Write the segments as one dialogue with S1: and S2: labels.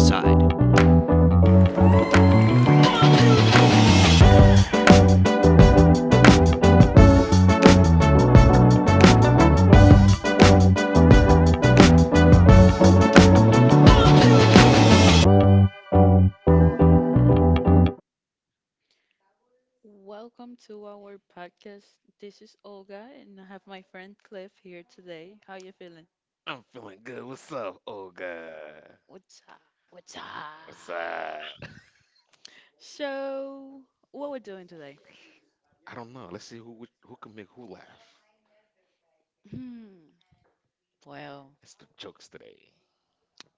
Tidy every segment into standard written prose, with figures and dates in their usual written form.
S1: Is mine recording?
S2: Welcome to our podcast. This is Olga, and I have my friend Cliff here today. How you feeling?
S1: I'm feeling good. What's up? Oh god.
S2: What's up? What's up?
S1: What's up?
S2: So, what we're doing today?
S1: I don't know. Let's see who can make who laugh.
S2: Hmm. Well,
S1: It's the jokes today.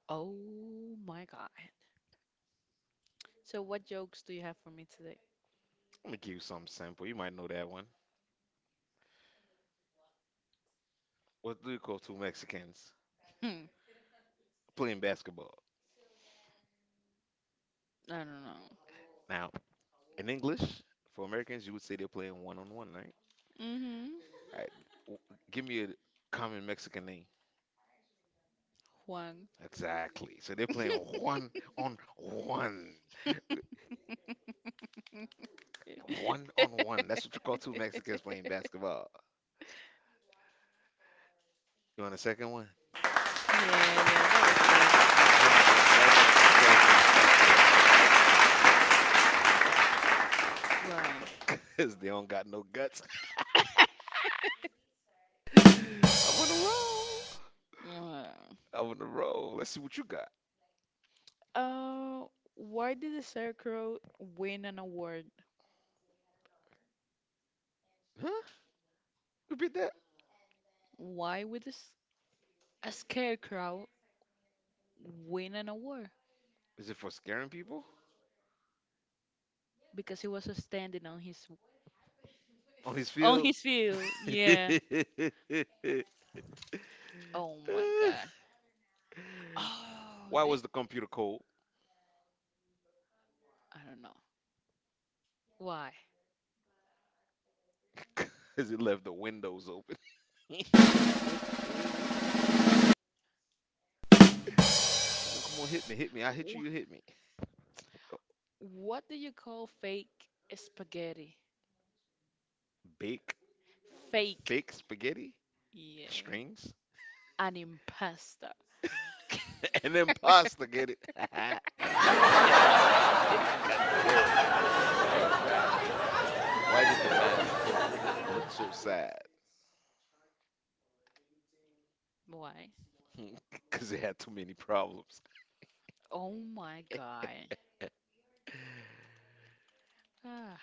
S2: oh my God. So, what jokes do you have for me today?
S1: Let me give you some sample. You might know that one. What do you call two Mexicans
S2: Hmm.
S1: playing basketball?
S2: I don't know.
S1: Now, in English, for Americans, you would say they're playing one on one, right?
S2: Mm-hmm.
S1: All right. w- Give me a common Mexican name.
S2: One.
S1: Exactly. So they're playing one on one. One on one. That's what you call two Mexicans playing basketball. You want a second one?
S2: Yeah, yeah,
S1: Why
S2: that was good.
S1: don't me- why don't skeletons fight each other?
S2: Why?
S1: Cause they don't got no guts. I'm on a roll.
S2: Wow.
S1: I'm on a roll. Let's see what you got.
S2: Uh, why did the scarecrow win an award?
S1: Huh? Repeat that.
S2: Why would a scarecrow win an award?
S1: Is it for scaring people
S2: Because he was standing on his
S1: on his
S2: on
S1: field?
S2: his field. Yeah. Oh my God. Oh,
S1: Why was the computer cold?
S2: I don't know. Why?
S1: Cause it left the windows open. Come on, come on, hit me, hit me. I hit you, you
S2: Wh-
S1: hit me.
S2: What do you call fake spaghetti?
S1: Bake,
S2: Fake.
S1: fake spaghetti,
S2: Yeah.
S1: strings,
S2: An impasta.
S1: and then pasta. Get it? get it? Get it? Get it? Got it good. All right. Why did the math book look so sad?
S2: Why?
S1: Because it had too many problems.
S2: Oh my God. Ah.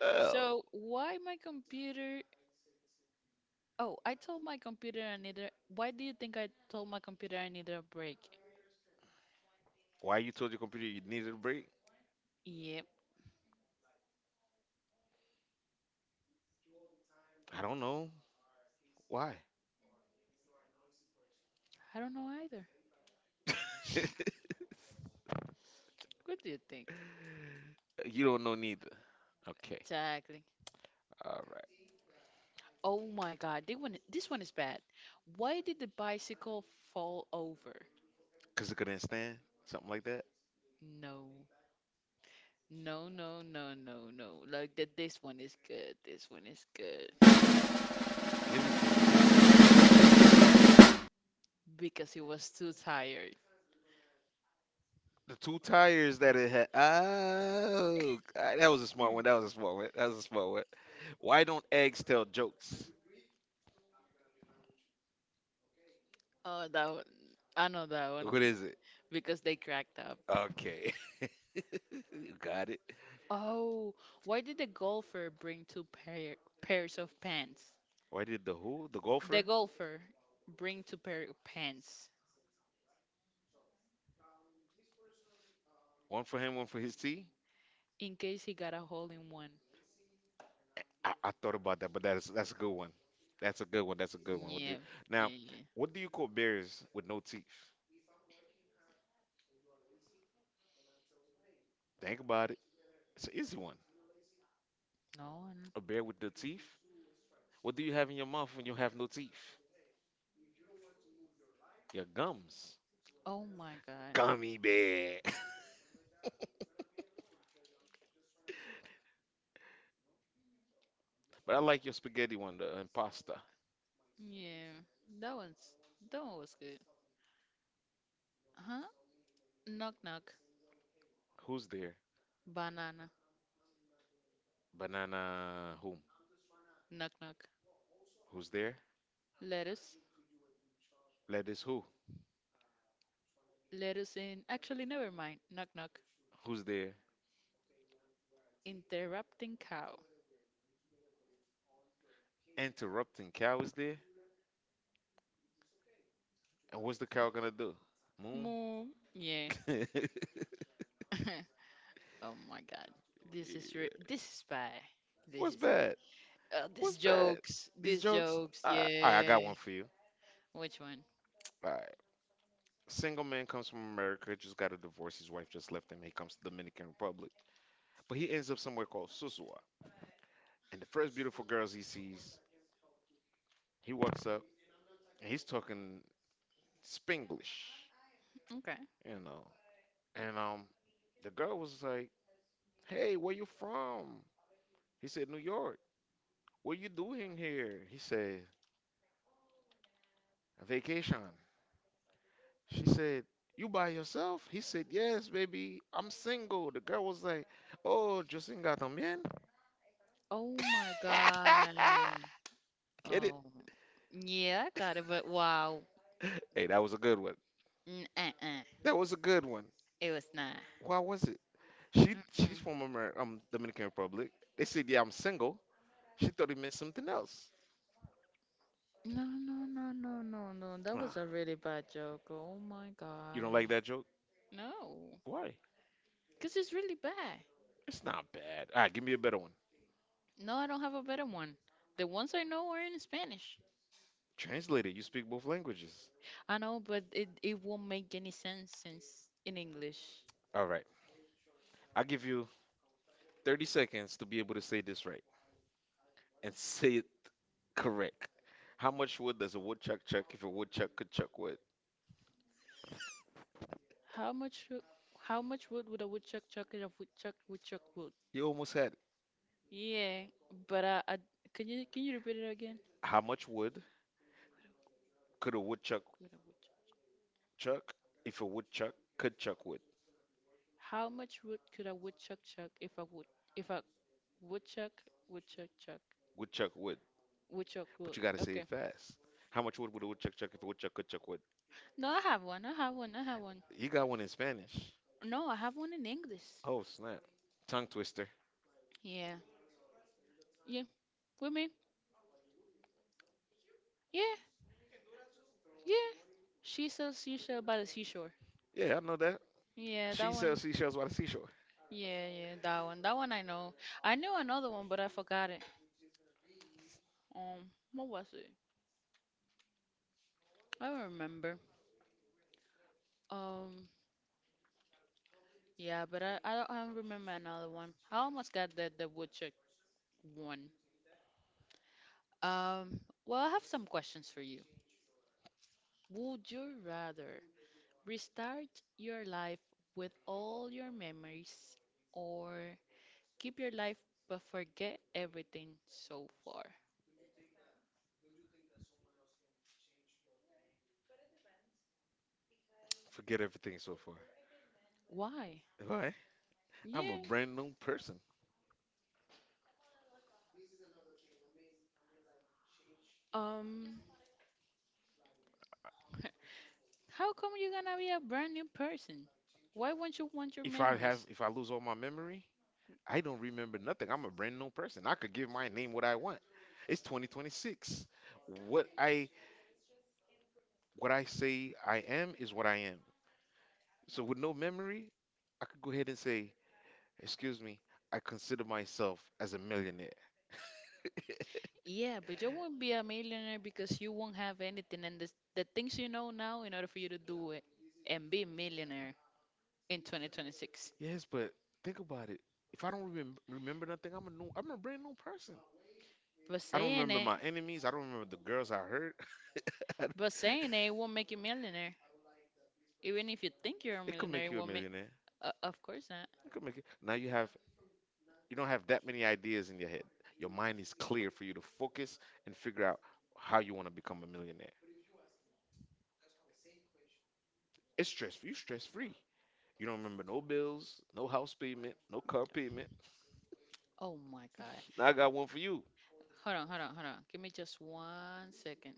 S1: Oh.
S2: So why my computer Oh, I told my computer I needed. Why do you think I told my computer I needed a break?
S1: Why you told your computer you needed a break?
S2: Yep,
S1: I don't know. Why?
S2: I don't know either. What do you think?
S1: You don't know neither. Okay.
S2: Exactly.
S1: All right.
S2: Oh my God, this one is bad. Why did the bicycle fall over?
S1: Because it couldn't stand? Something like that?
S2: No, no, no, no, no, no. Like that, this one is good. This one is good
S1: Give it to me. Give it to me.
S2: because he was too tired.
S1: The two tires that it had. Oh, ah, that was a smart one. That was a smart one. That was a smart one. Why don't eggs tell jokes?
S2: Oh, that one. I know that one
S1: What is it?
S2: because they cracked up.
S1: Okay. You got it.
S2: Oh, why did the golfer bring two pairs of pants?
S1: Why did the who? The
S2: The
S1: golfer?
S2: golfer bring two pair of pants
S1: One for him, one for his tea?
S2: in case he got a hole in one.
S1: I thought about that, but that's a good one. That's a good one. That's a good one. What do,
S2: Yeah, yeah,
S1: now,
S2: yeah.
S1: what do you call bears with no teeth? Think about it. It's an easy one.
S2: No, and
S1: A bear with no teeth. What do you have in your mouth when you have no teeth? Your gums.
S2: oh my God.
S1: Gummy bear. But I like your spaghetti one, the impasta.
S2: Yeah, that one's that one was good. Huh? Knock knock.
S1: Who's there?
S2: Banana.
S1: Banana whom?
S2: Knock knock.
S1: Who's there?
S2: Lettuce.
S1: Lettuce who?
S2: Lettuce in. Actually, never mind. Knock knock.
S1: Who's there?
S2: Interrupting cow.
S1: Interrupting cow is there? And what's the cow gonna do? Moon?
S2: Moo. Yeah. Oh my god. This is bad. This
S1: What's
S2: is
S1: bad?
S2: bad. This
S1: What's bad?
S2: jokes.
S1: These
S2: These
S1: jokes.
S2: jokes.
S1: I got
S2: Yeah.
S1: one for you.
S2: Which one?
S1: All right. Single man comes from America, just got a divorce. His wife just left him. He comes to Dominican Republic, but he ends up somewhere called Susua. And the first beautiful girls he sees, he walks up and he's talking Spanglish,
S2: Okay.
S1: you know. And the girl was like, "Hey, where you from?" He said, "New York." What you doing here? He said, "Vacation." She said, "You by yourself?" He said, "Yes, baby, I'm single." The girl was like, "Oh, yo singa también."
S2: Oh my god.
S1: Get it?
S2: Oh. Yeah, I got it, but wow.
S1: Hey, that was a good one.
S2: Mm, uh-uh.
S1: That was a good one.
S2: It was not.
S1: Why was it? She's
S2: Mm-mm.
S1: from Dominican Republic. They said, "Yeah, I'm single." She thought it meant something else.
S2: No, no, no, no, no, no. That was
S1: Ah,
S2: a really bad joke. Oh my
S1: you
S2: god.
S1: don't like that joke?
S2: No.
S1: Why?
S2: Because it's really bad.
S1: It's not bad. All right, give me a better one.
S2: No, I don't have a better one. The ones I know are in Spanish.
S1: Translated, you speak both languages.
S2: I know, but it won't make any sense since in English.
S1: All right, I'll give you 30 seconds to be able to say this right, and say it correct. How much wood does a woodchuck chuck if a woodchuck could chuck wood?
S2: How much wo- how much wood would a woodchuck chuck at a woodchuck wood?
S1: You almost had it.
S2: Yeah, but can you repeat it again?
S1: How much wood could a woodchuck
S2: Could a woodchuck-
S1: chuck if a woodchuck could chuck wood?
S2: How much wood could a woodchuck chuck if a woodchuck woodchuck chuck
S1: Woodchuck wood.
S2: woodchuck
S1: But
S2: would?
S1: you got to say
S2: Okay.
S1: it fast. How much wood would a woodchuck chuck if a woodchuck could chuck wood?
S2: No, I have one. I have one. I have one.
S1: You got one in Spanish.
S2: No, I have one in English.
S1: Oh, snap. Tongue twister.
S2: Yeah. Yeah. With me? Yeah. Yeah. She sells seashell by the seashore.
S1: Yeah, I know that.
S2: Yeah,
S1: She
S2: that one.
S1: sells seashells by the seashore.
S2: Yeah, yeah, that one. That one I know. I knew another one, but I forgot it. What was it? I don't remember. Um, yeah, but I don't remember another one. I almost got the woodchuck one. Um, well, I have some questions for you. Would you rather restart your life with all your memories, or keep your life but forget everything so far?
S1: Forget everything so far.
S2: Why?
S1: Why? I'm a
S2: Yeah.
S1: brand new person.
S2: Um. How come you're gonna be a brand new person? Why won't you want your
S1: If I have,
S2: memories?
S1: if I lose all my memory, I don't remember nothing. I'm a brand new person. I could give my name what I want. It's 2026. What I what I say I am is what I am. So with no memory, I could go ahead and say, "Excuse me, I consider myself as a millionaire."
S2: Yeah, but you won't be a millionaire because you won't have anything and the things you know now in order for you to do it and be a millionaire in 2026.
S1: Yes, but think about it. If I don't remember nothing, I'm a brand new person.
S2: But
S1: I don't
S2: saying
S1: remember
S2: it,
S1: my enemies. I don't remember the girls I hurt. I don't-
S2: but saying it won't make you millionaire. Even if you think you're a
S1: it could
S2: millionaire,
S1: make
S2: it
S1: you a
S2: won't make.
S1: millionaire.
S2: Of course not.
S1: It could make you. Now you have you don't have that many ideas in your head. Your mind is clear for you to focus and figure out how you want to become a millionaire. It's stress free. You stress free. You don't remember no bills, no house payment, no car payment.
S2: Oh my God.
S1: Now I got one for you.
S2: Hold on, hold on, hold on. Give me just one second.